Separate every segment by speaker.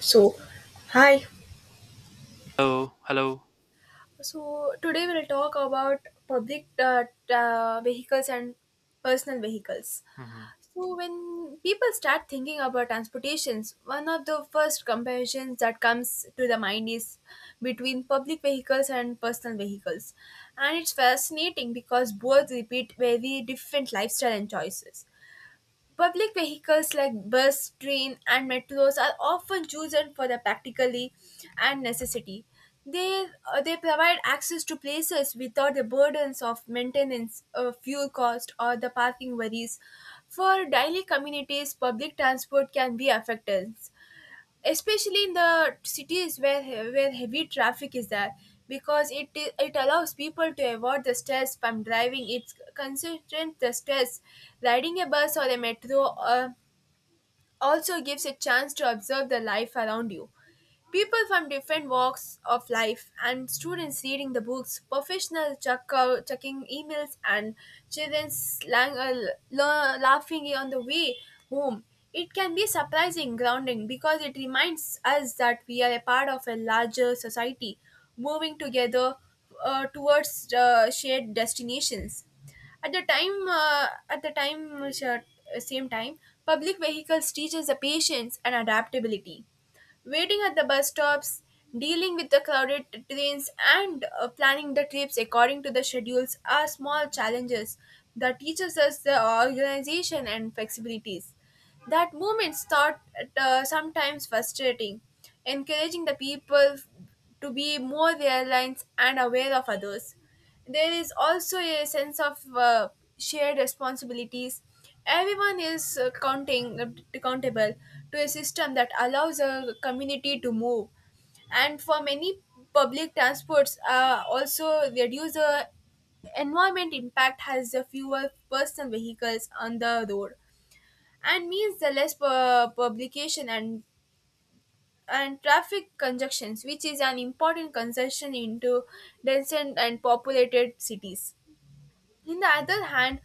Speaker 1: So, hi.
Speaker 2: Hello, hello.
Speaker 1: So today we'll talk about public vehicles and personal vehicles.
Speaker 2: hmm
Speaker 1: So when people start thinking about transportations, one of the first comparisons that comes to the mind is between public vehicles and personal vehicles. And it's fascinating because both repeat very different lifestyle and choices. Public vehicles like bus, train, and metros are often chosen for their practically and necessity. They, they provide access to places without the burdens of maintenance, fuel cost, or the parking worries. For daily communities, public transport can be affected especially in the cities where heavy traffic is there because it allows people to avoid the stress from driving it's consistent the stress riding a bus or a metro uh, also gives a chance to observe the life around you. People from different walks of life and students reading the books, professionals checking emails, and children slang, uh, laughing on the way home. It can be surprising grounding because it reminds us that we are a part of a larger society, moving together towards shared destinations at the time same time. Public vehicles teaches the patience and adaptability, waiting at the bus stops, dealing with the crowded trains, and planning the trips according to the schedules are small challenges that teaches us the organization and flexibilities. That moments thought, sometimes frustrating, encouraging the people to be more reliant and aware of others. There is also a sense of shared responsibilities. Everyone is counting accountable to a system that allows a community to move, and for many, public transports also reduce the environment impact has the fewer personal vehicles on the road and means the less publication and traffic congestions, which is an important concession into dense and populated cities. In the other hand,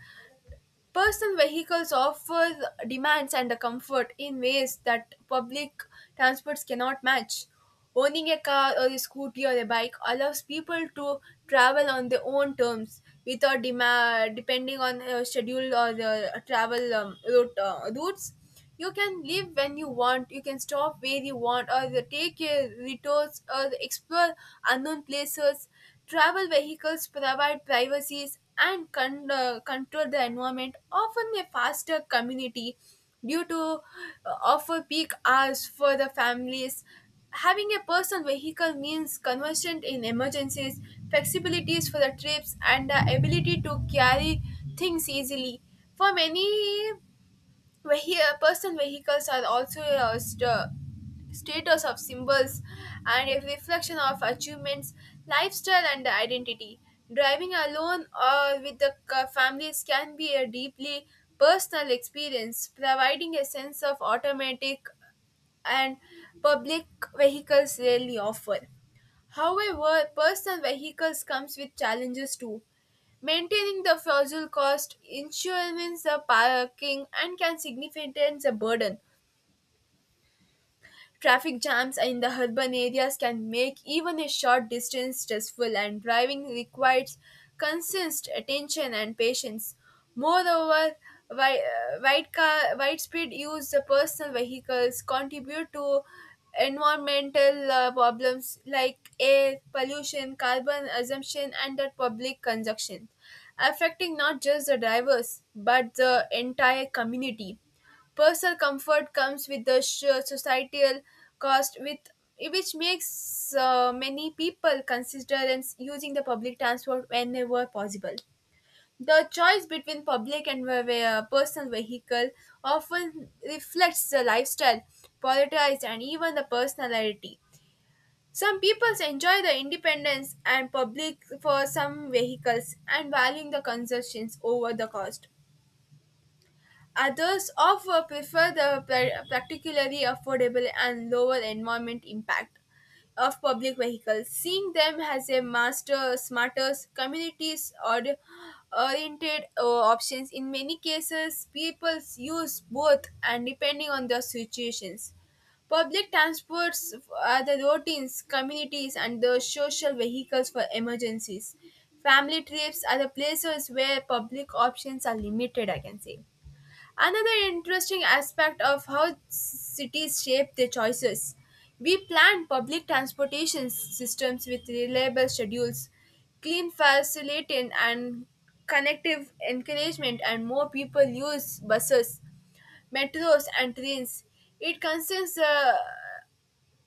Speaker 1: personal vehicles offer the demands and the comfort in ways that public transports cannot match. Owning a car or a scooter or a bike allows people to travel on their own terms without depending on schedule or the travel routes. You can leave when you want, you can stop where you want, or you take your detours, or the explore unknown places. Travel vehicles provide privacies and control the environment, often a faster community due to offer peak hours for the families. Having a personal vehicle means conversion in emergencies, flexibilities for the trips, and the ability to carry things easily. For many person vehicles are also a status of symbols and a reflection of achievements, lifestyle, and identity. Driving alone or with the families can be a deeply personal experience, providing a sense of automatic and public vehicles rarely offer. However, personal vehicles comes with challenges too. Maintaining the fuel cost, insurance, the parking, and can significant the burden. Traffic jams in the urban areas can make even a short distance stressful, and driving requires constant attention and patience. Moreover, widespread use of personal vehicles contribute to environmental problems like air pollution, carbon assumption, and the public consumption, affecting not just the drivers but the entire community. Personal comfort comes with the societal cost, with which makes many people consider and using the public transport whenever possible. The choice between public and personal vehicle often reflects the lifestyle, politics, and even the personality. Some people enjoy the independence and public for some vehicles and valuing the concessions over the cost. Others offer prefer the particularly affordable and lower environment impact of public vehicles, seeing them as a master, smarter, communities or oriented options. In many cases, people use both and depending on the situations. Public transports are the routines, communities, and the social vehicles for emergencies. Family trips are the places where public options are limited, I can say. Another interesting aspect of how cities shape their choices. We plan public transportation systems with reliable schedules, clean facilitating and connective encouragement and more people use buses, metros and trains. It concerns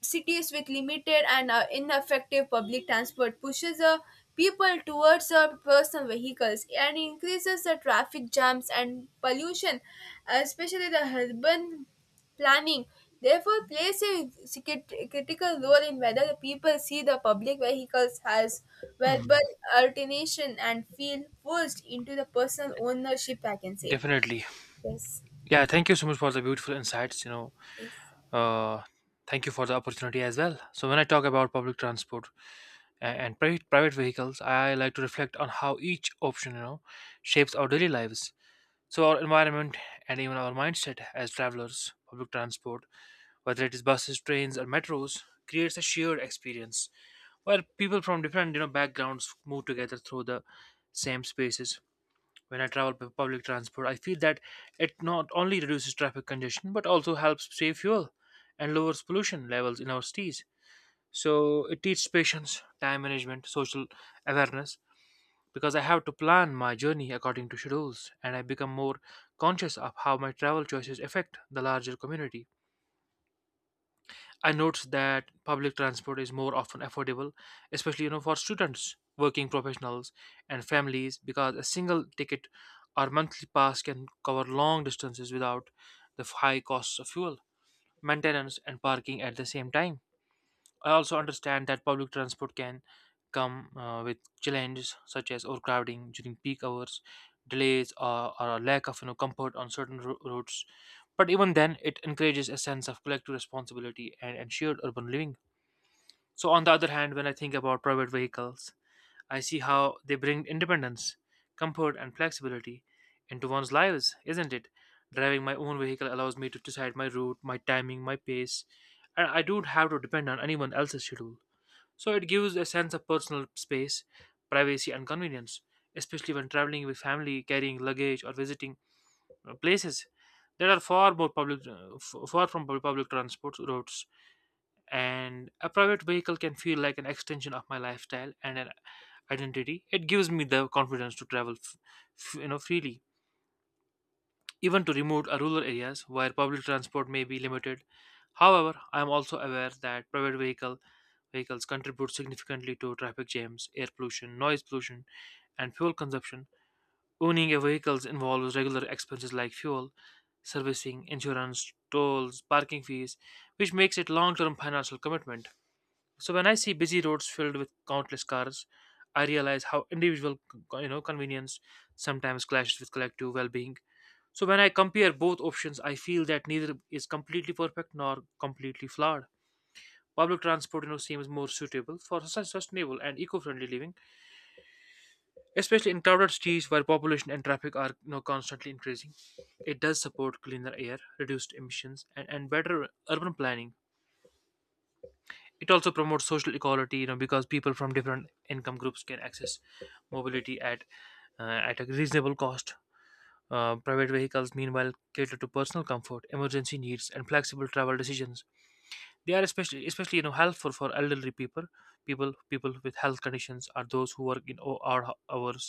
Speaker 1: cities with limited and ineffective public transport pushes people towards personal vehicles and increases the traffic jams and pollution, especially the urban planning. Therefore, plays a critical role in whether the people see the public vehicles as verbal alternation and feel forced into the personal ownership, I can say.
Speaker 2: Definitely.
Speaker 1: Yes,
Speaker 2: Yeah, thank you so much for the beautiful insights. You know,
Speaker 1: yes.
Speaker 2: uh, thank you for the opportunity as well. So, when I talk about public transport and private vehicles, I like to reflect on how each option, you know, shapes our daily lives. So, our environment and even our mindset as travelers. Public transport, whether it is buses, trains, or metros, creates a shared experience where people from different, you know, backgrounds move together through the same spaces when I travel by public transport. I feel that it not only reduces traffic congestion but also helps save fuel and lowers pollution levels in our cities. So it teaches patience, time management, social awareness because I have to plan my journey according to schedules and I become more conscious of how my travel choices affect the larger community. I noticed that public transport is more often affordable, especially you know for students, working professionals, and families, because a single ticket or monthly pass can cover long distances without the high costs of fuel, maintenance, and parking at the same time. I also understand that public transport can come with challenges such as overcrowding during peak hours, delays, or a lack of you know comfort on certain routes. But even then, it encourages a sense of collective responsibility and shared urban living. So, on the other hand, when I think about private vehicles, I see how they bring independence, comfort, and flexibility into one's lives, isn't it? Driving my own vehicle allows me to decide my route, my timing, my pace, and I don't have to depend on anyone else's schedule. So it gives a sense of personal space, privacy, and convenience, especially when traveling with family, carrying luggage, or visiting places that are far more public, far from public transport routes. And a private vehicle can feel like an extension of my lifestyle and an identity. It gives me the confidence to travel, you know, freely, even to remote or rural areas where public transport may be limited. However, I am also aware that private vehicles contribute significantly to traffic jams, air pollution, noise pollution, and fuel consumption. Owning a vehicle involves regular expenses like fuel, servicing, insurance, tolls, parking fees, which makes it long-term financial commitment. So when I see busy roads filled with countless cars, I realize how individual you know convenience sometimes clashes with collective well-being. So when I compare both options, I feel that neither is completely perfect nor completely flawed. Public transport, you know, seems more suitable for sustainable and eco-friendly living, especially in crowded cities where population and traffic are, you know, constantly increasing. It does support cleaner air, reduced emissions, and better urban planning. It also promotes social equality, you know, because people from different income groups can access mobility uh, at a reasonable cost. Private vehicles, meanwhile, cater to personal comfort, emergency needs, and flexible travel decisions. They are especially you know helpful for elderly people with health conditions or those who work in odd hours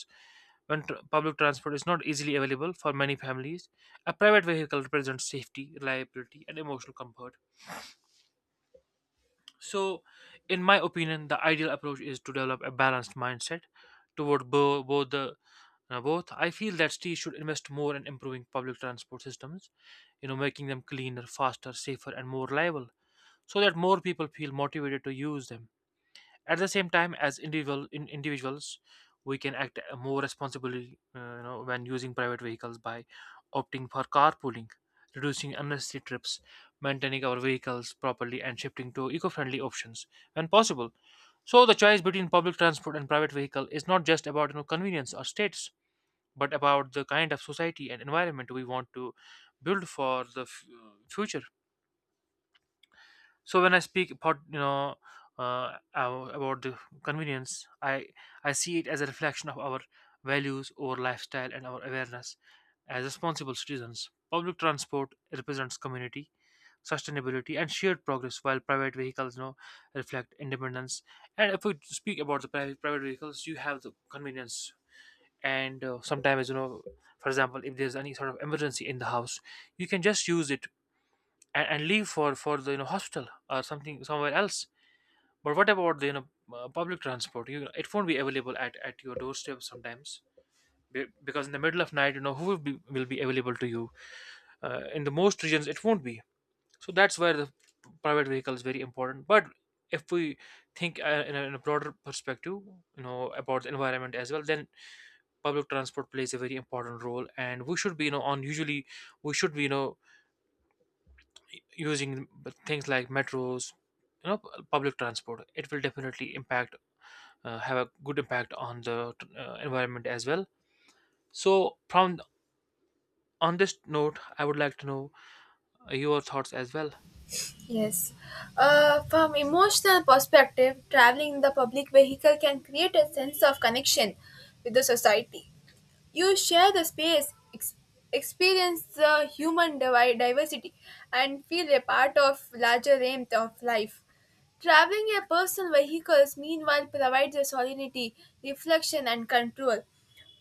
Speaker 2: when public transport is not easily available. For many families, a private vehicle represents safety, reliability, and emotional comfort. So, in my opinion, the ideal approach is to develop a balanced mindset toward both. I feel that cities should invest more in improving public transport systems, you know, making them cleaner, faster, safer, and more reliable, so that more people feel motivated to use them. At the same time, as individuals, we can act more responsibly, you know, when using private vehicles by opting for carpooling, reducing unnecessary trips, maintaining our vehicles properly, and shifting to eco-friendly options when possible. So the choice between public transport and private vehicle is not just about you know convenience or status, but about the kind of society and environment we want to build for the future. So when I speak about you know about the convenience, I see it as a reflection of our values, our lifestyle, and our awareness as responsible citizens. Public transport represents community, sustainability, and shared progress, while private vehicles you know reflect independence. And if we speak about the private vehicles, you have the convenience and sometimes you know, for example, if there's any sort of emergency in the house, you can just use it and leave for the you know hostel or something somewhere else. But what about the you know public transport? You, it won't be available at your doorstep sometimes. Because in the middle of night, you know, who will be available to you? In the most regions it won't be. So that's where the private vehicle is very important. But if we think in a broader perspective, you know, about the environment as well, then public transport plays a very important role, and we should be, you know, on usually we should be, you know, using things like metros. You know, public transport, it will definitely impact, have a good impact on the environment as well. So, from on this note, I would like to know your thoughts as well.
Speaker 1: Yes. From emotional perspective, traveling in the public vehicle can create a sense of connection with the society. You share the space, experience the human diversity, and feel a part of larger warmth of life. Traveling in personal vehicles, meanwhile, provides a solidity, reflection, and control.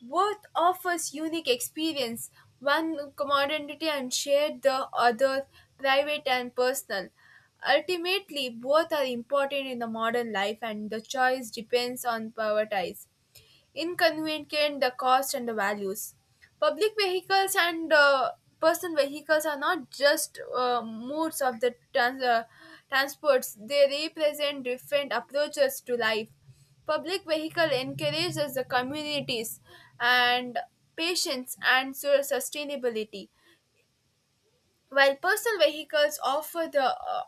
Speaker 1: Both offers unique experience, one commodity and shared the other private and personal. Ultimately, both are important in the modern life, and the choice depends on prioritize inconvenient the cost and the values. Public vehicles and personal vehicles are not just modes of the transports, they represent different approaches to life. Public vehicle encourages the communities and patience and sustainability, while personal vehicles offer the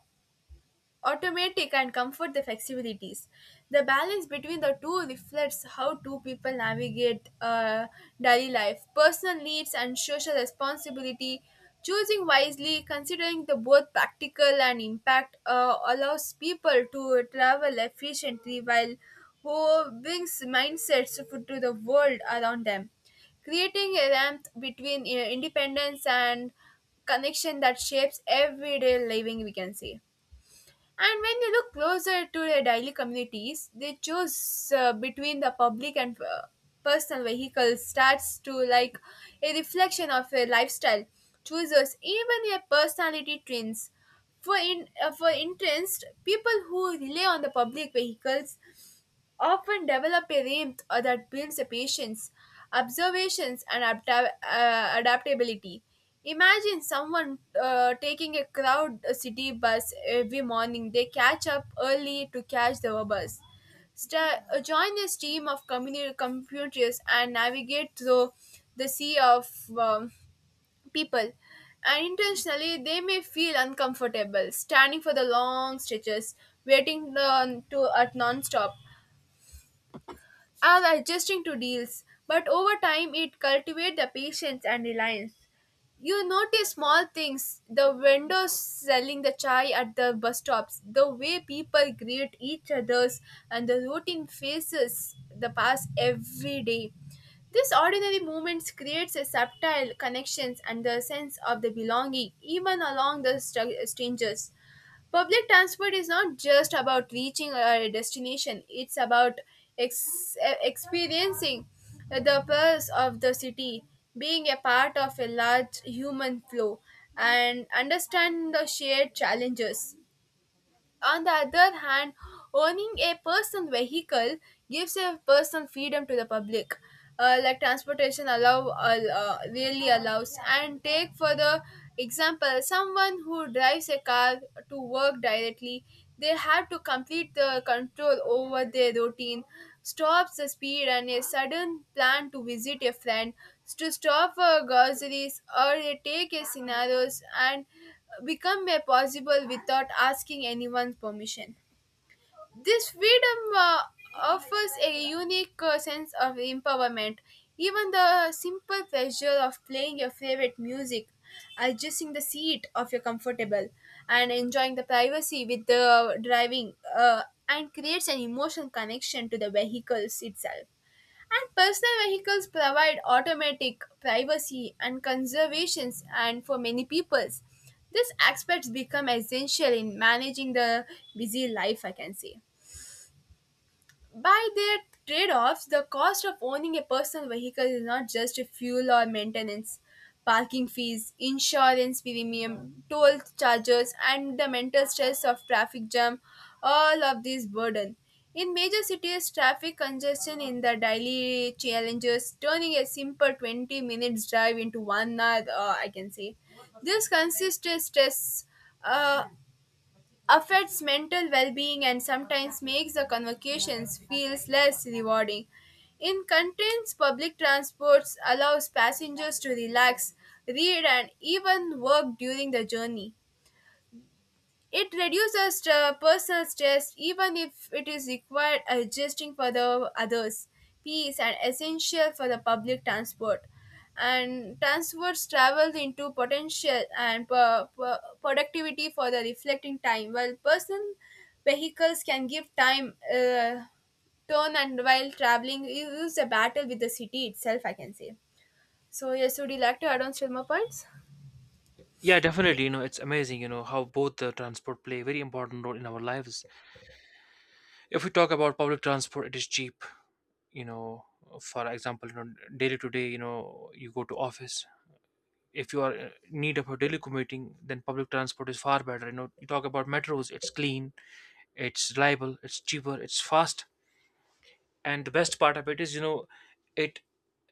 Speaker 1: automatic and comfort the flexibilities. The balance between the two reflects how two people navigate daily life, personal needs, and social responsibility. Choosing wisely, considering the both practical and impact, allows people to travel efficiently while who brings mindsets to the world around them, creating a ramp between independence and connection that shapes everyday living, we can say. And when you look closer to the daily communities, they choose between the public and personal vehicles starts to like a reflection of a lifestyle. Chooses even a personality trends. For interest, people who rely on the public vehicles often develop a rhythm that builds a patience, observations, and adaptability. Imagine someone taking a crowd city bus every morning. They catch up early to catch the bus. Sta Join this team of community computers and navigate through the sea of um, people. And intentionally, they may feel uncomfortable, standing for the long stretches, waiting to at non-stop are adjusting to deals, but over time it cultivates the patience and reliance. You notice small things, the vendors selling the chai at the bus stops, the way people greet each others, and the routine faces the past every day. These ordinary moments creates a subtle connections and the sense of the belonging, even along the strangers. Public transport is not just about reaching a destination, it's about ex- experiencing the pulse of the city, being a part of a large human flow, and understand the shared challenges. On the other hand, owning a personal vehicle gives a person freedom to the public. Like transportation really allows and take for the example someone who drives a car to work directly, they have to complete the control over their routine, stops the speed, and a sudden plan to visit a friend, to stop for groceries, or they take a scenarios and become a possible without asking anyone's permission. This freedom offers a unique sense of empowerment. Even the simple pleasure of playing your favorite music, adjusting the seat of your comfortable, and enjoying the privacy with the driving, and creates an emotional connection to the vehicles itself. And personal vehicles provide automatic privacy and conservations, and for many peoples, these aspects become essential in managing the busy life, I can say. By their trade offs, the cost of owning a personal vehicle is not just fuel or maintenance, parking fees, insurance premium, toll charges, and the mental stress of traffic jam all of these burden. In major cities, traffic congestion in the daily challenges, turning a simple 20 minutes drive into 1 hour, I can say. This consists of stress, uh, affects mental well-being and sometimes makes the convocations feels less rewarding. In contains public transports allows passengers to relax, read and even work during the journey. It reduces the personal stress even if it is required adjusting for the others. Peace and essential for the public transport. And transports travel into potential and productivity for the reflecting time, while personal vehicles can give time turn and while traveling, you use a battle with the city itself, I can say. So, yes, would you like to add on still more points?
Speaker 2: Yeah, definitely, you know, it's amazing you know how both the transport play a very important role in our lives. If we talk about public transport, it is cheap, you know. For example, you know, daily to day you know you go to office. If you are in need of a daily commuting, then public transport is far better. You know, you talk about metros, it's clean, it's reliable, it's cheaper, it's fast, and the best part of it is, you know, it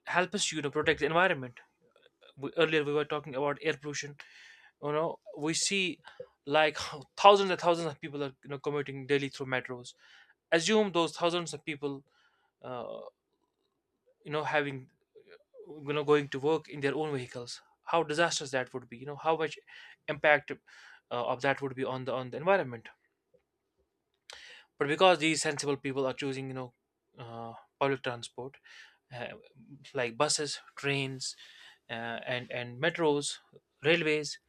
Speaker 2: helps, you know, protect the environment. Earlier we were talking about air pollution. You know, we see like thousands and thousands of people are you know commuting daily through metros. Assume those thousands of people uh, you know having, you know, going to work in their own vehicles. How disastrous that would be, you know, how much impact of that would be on the environment. But because these sensible people are choosing, you know, uh, public transport, uh, like buses, trains, and metros, railways,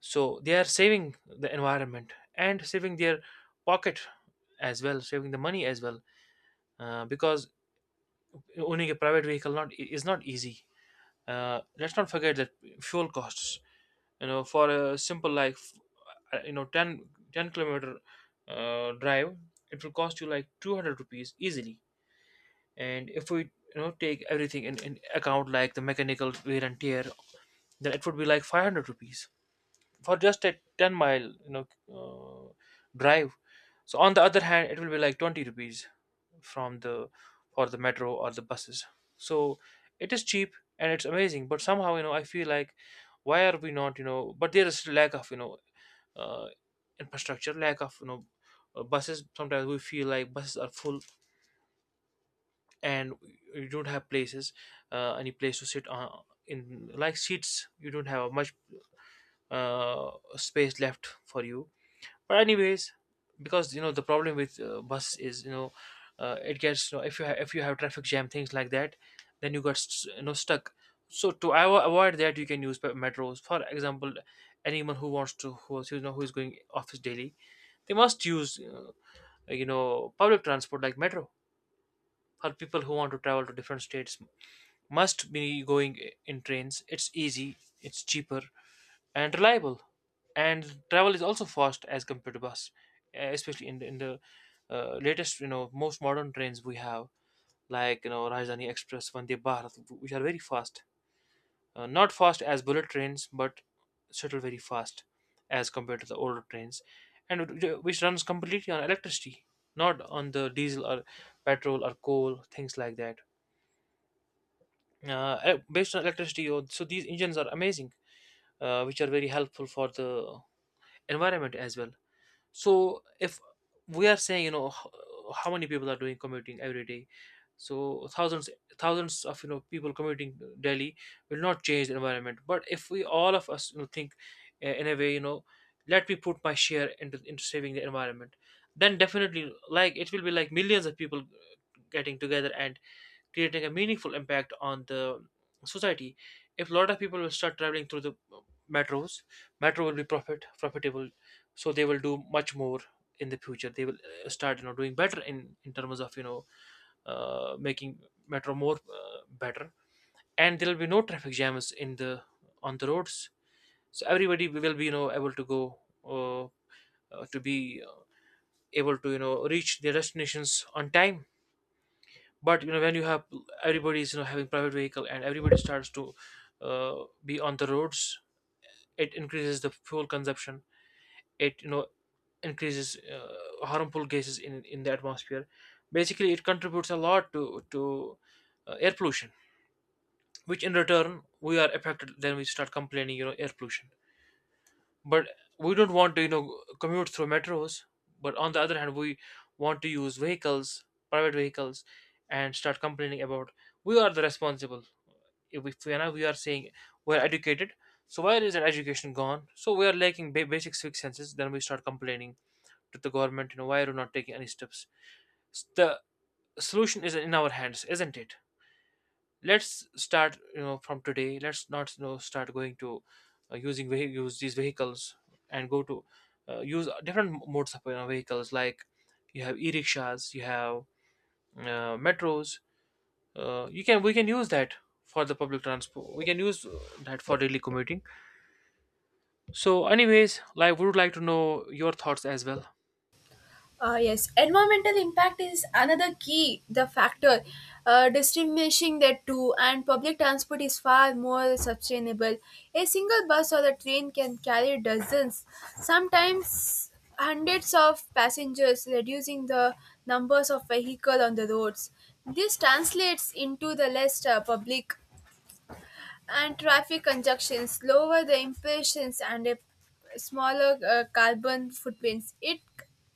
Speaker 2: so they are saving the environment and saving their pocket as well, saving the money as well. Because owning a private vehicle not is not easy. Let's not forget that fuel costs, you know, for a simple like you know 10 10 km drive, it will cost you like 200 rupees easily. And if we, you know, take everything in account like the mechanical wear and tear, then it would be like 500 rupees for just a 10 mile, you know, uh, drive. So on the other hand, it will be like 20 rupees from the for the metro or the buses. So it is cheap and it's amazing, but somehow, you know, I feel like why are we not, you know, but there is lack of, you know, uh, infrastructure, lack of, you know, buses. Sometimes we feel like buses are full and you don't have places, any place to sit on, in like seats. You don't have much space left for you. But anyways, because you know the problem with bus is, you know, it gets, you know, if you have traffic jam things like that, then you got you know stuck. So to avoid that, you can use metros. For example, anyone who wants to you know who is going office daily, they must use you know public transport like metro. For people who want to travel to different states, must be going in trains. It's easy, it's cheaper, and reliable, and travel is also fast as compared to bus, especially in the latest, you know, most modern trains we have, like you know Rajdhani Express, Vande Bharat, which are very fast, not fast as bullet trains but settle very fast as compared to the older trains, and which runs completely on electricity, not on the diesel or petrol or coal things like that. Based on electricity, oh, so these engines are amazing, which are very helpful for the environment as well. So if we are saying, you know, how many people are doing commuting every day, so thousands, thousands of, you know, people commuting Delhi will not change the environment. But if we all of us, you know, think in a way, you know, let me put my share into saving the environment, then definitely like it will be like millions of people getting together and creating a meaningful impact on the society. If a lot of people will start traveling through the metros, metro will be profitable, so they will do much more in the future. They will start doing better in terms of making metro more better, and there will be no traffic jams in the on the roads. So everybody will be able to go. Uh, to be able to reach their destinations on time. But you know, when you have everybody's, you know, having private vehicle and everybody starts to be on the roads, it increases the fuel consumption. It, you know, increases harmful gases in the atmosphere. Basically, it contributes a lot to air pollution, which in return we are affected. Then we start complaining, you know, air pollution, but we don't want to, you know, commute through metros. But on the other hand, we want to use vehicles, private vehicles, and start complaining about we are the responsible. If we are saying we're educated, so where is that education gone? So we are lacking basic six senses. Then we start complaining to the government, you know, why are you not taking any steps? The solution is in our hands, isn't it? Let's start, you know, from today. Let's not, you know, start going to using use these vehicles, and go to use different modes of, you know, vehicles. Like, you have e-rickshaws, you have metros. You can, we can use that for the public transport. We can use that for daily commuting. So, anyways, like, would like to know your thoughts as well.
Speaker 1: Yes, environmental impact is another key the factor distinguishing the two, and public transport is far more sustainable. A single bus or a train can carry dozens, sometimes hundreds of passengers, reducing the numbers of vehicle on the roads. This translates into the less public and traffic congestions lower the emissions and a smaller carbon footprints it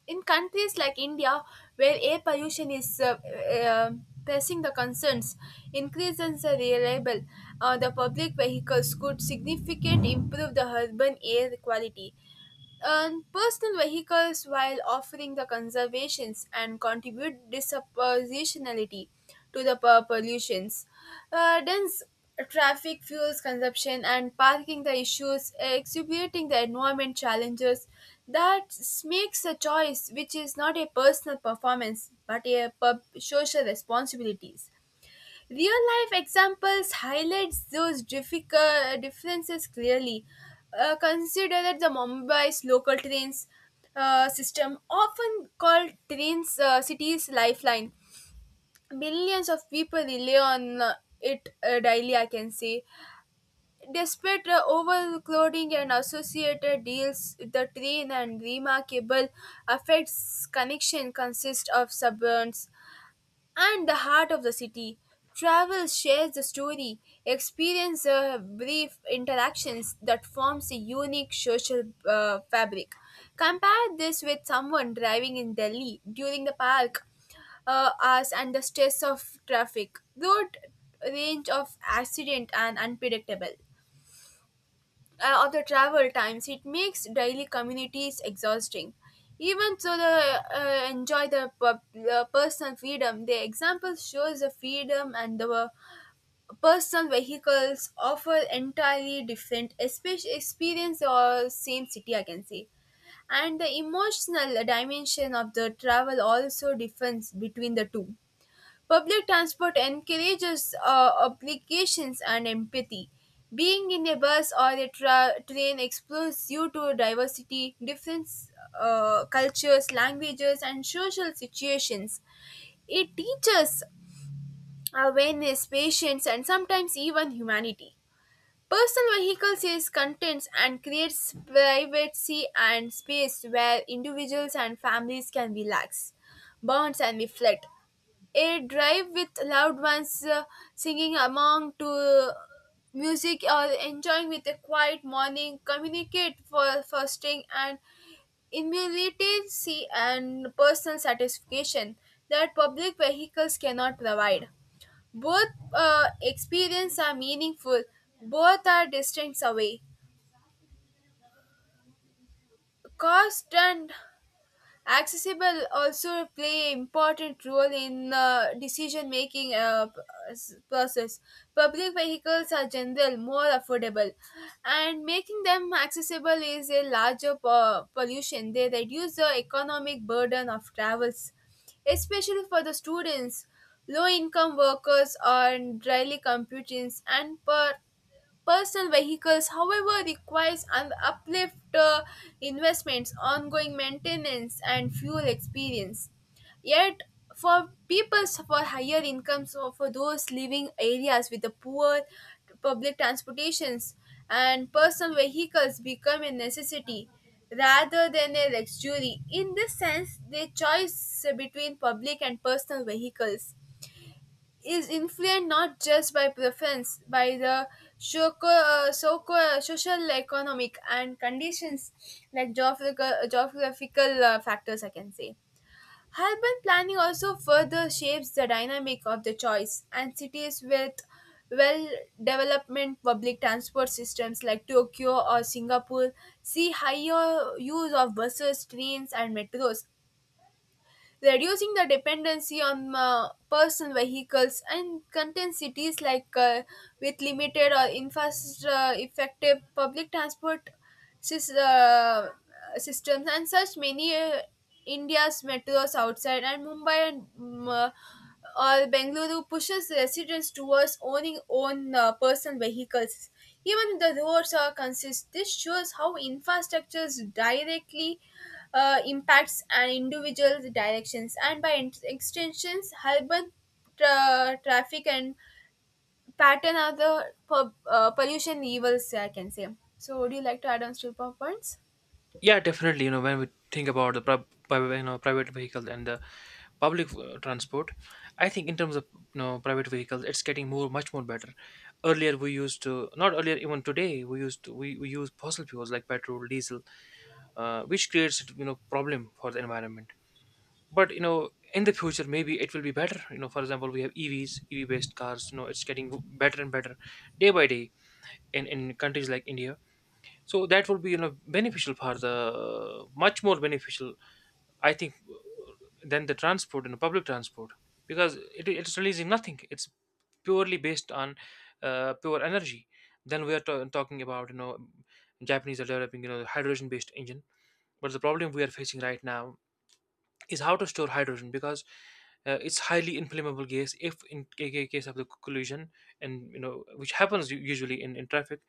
Speaker 1: in countries like india where air pollution is uh, pressing the concerns increases are reliable the public vehicles could significantly improve the urban air quality earn personal vehicles while offering the conservations and contribute disproportionality to the pollutions. Dense traffic fuels consumption and parking the issues exacerbating the environment challenges that makes a choice which is not a personal performance but a social responsibilities. Real life examples highlights those difficult differences clearly. Consider that the Mumbai's local trains system, often called trains city's lifeline, millions of people rely on it daily. I can say, despite overcrowding and associated deals, the train and remarkable affects connection consist of suburbs and the heart of the city. Travel shares the story, experience brief interactions that forms a unique social fabric. Compare this with someone driving in Delhi during the park hours and the stress of traffic, road range of accident and unpredictable of the travel times, it makes daily communities exhausting. Even so, the enjoy the personal freedom. The example shows the freedom and the personal vehicles offer entirely different experience or same city, I can say. And the emotional dimension of the travel also differs between the two. Public transport encourages obligations and empathy. Being in a bus or a train exposes you to diversity, different cultures, languages, and social situations. It teaches awareness, patience, and sometimes even humanity. Personal vehicles is contents and creates privacy and space where individuals and families can relax, bonds and reflect. A drive with loved ones singing among to music or enjoying with a quiet morning communicate for fostering and immediacy and personal satisfaction that public vehicles cannot provide. Both experiences are meaningful, both are distance away. Cost and accessible also play important role in decision making process. Public vehicles are general more affordable and making them accessible is a larger pollution they reduce the economic burden of travels, especially for the students, low income workers, and daily commuters and per. Personal vehicles, however, requires an uplift investments, ongoing maintenance, and fuel experience. Yet, for people for higher incomes or for those living areas with the poor public transportations and personal vehicles become a necessity rather than a luxury. In this sense, they choice between public and personal vehicles is influenced not just by preference, by the social, economic, and conditions like geographical factors, I can say. Urban planning also further shapes the dynamic of the choice, and cities with well development public transport systems like Tokyo or Singapore see higher use of buses, trains, and metros, reducing the dependency on personal vehicles and content cities like with limited or infrastructure effective public transport sys- uh, systems and such many India's metros outside and Mumbai and or Bengaluru pushes residents towards owning own personal vehicles. Even if the roads are consist, this shows how infrastructures directly impacts an individual's directions and by extensions urban traffic and pattern are the pollution evils, I can say. So would you like to add on still points?
Speaker 2: Yeah, definitely. You know, when we think about the you know, private vehicle and the public transport, I think in terms of, you know, private vehicles, it's getting more much more better. Earlier, we used to not earlier, even today, we we use fossil fuels like petrol, diesel, which creates, you know, problem for the environment. But you know, in the future, maybe it will be better. You know, for example, we have EVs, EV based cars. You know, it's getting better and better, day by day, in countries like India. So that would be, you know, beneficial for the, much more beneficial, I think, than the transport and public transport, because it's releasing nothing. It's purely based on pure energy. Then we are talking about, you know, Japanese are developing, you know, hydrogen based engine, but the problem we are facing right now is how to store hydrogen, because it's highly inflammable gas. If in case of the collision, and you know, which happens usually in traffic,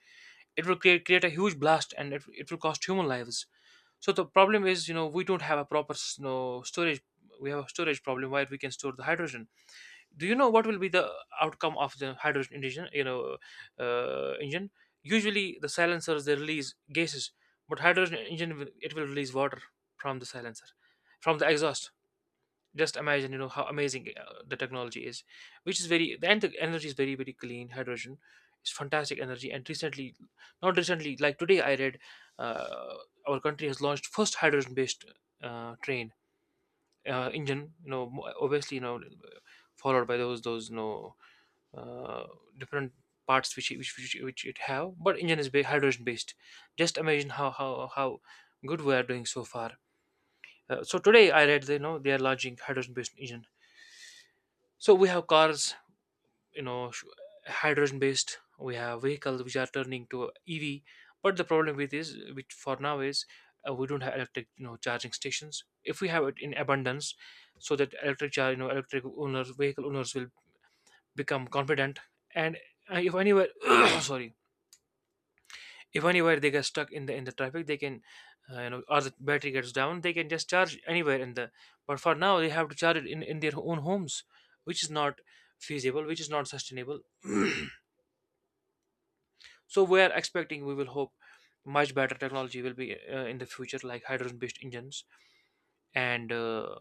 Speaker 2: it will create a huge blast and it will cost human lives. So the problem is, you know, we don't have a proper you know, storage. We have a storage problem, where we can store the hydrogen. Do you know what will be the outcome of the hydrogen engine? You know, engine, usually the silencers, they release gases, but hydrogen engine, it will release water from the silencer, from the exhaust. Just imagine, you know, how amazing the technology is, which is very the, and the energy is very very clean. Hydrogen is fantastic energy. And recently, not recently, like today, I read, uh, our country has launched first hydrogen based train engine, you know. Obviously, you know, followed by those you know uh, different parts which it have, but engine is hydrogen based. Just imagine how good we are doing so far. So today I read, you know, they are launching hydrogen-based engine. So we have cars, you know, hydrogen based. We have vehicles which are turning to EV. But the problem with is, which for now is, we don't have electric, you know, charging stations. If we have it in abundance, so that electric you know, electric owners, vehicle owners will become confident. And if anywhere, sorry, if anywhere they get stuck in the traffic, they can you know, or the battery gets down, they can just charge anywhere in the. But for now, they have to charge it in their own homes, which is not feasible, which is not sustainable. So we are expecting, we will hope much better technology will be in the future, like hydrogen based engines. And uh,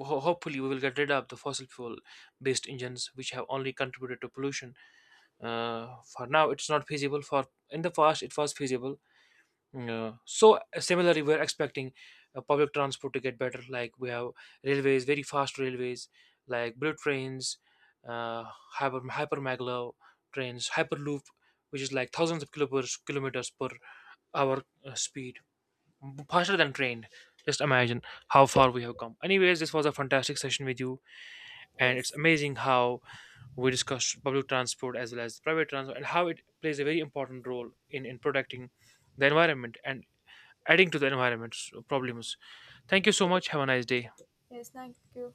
Speaker 2: ho- hopefully we will get rid of the fossil fuel based engines, which have only contributed to pollution. For now it's not feasible, for in the past it was feasible. Yeah. So similarly, we're expecting public transport to get better. Like we have railways, very fast railways, like bullet trains, uh, hypermaglev trains, hyperloop, which is like thousands of kilometers per hour speed, faster than train. Just imagine how far we have come. Anyways, this was a fantastic session with you, and it's
Speaker 1: Yes.
Speaker 2: amazing how we discussed public transport as well as private transport, and how it plays a very important role in protecting the environment and adding to the environment's problems. Thank you so much. Have a nice day.
Speaker 1: Yes, thank you.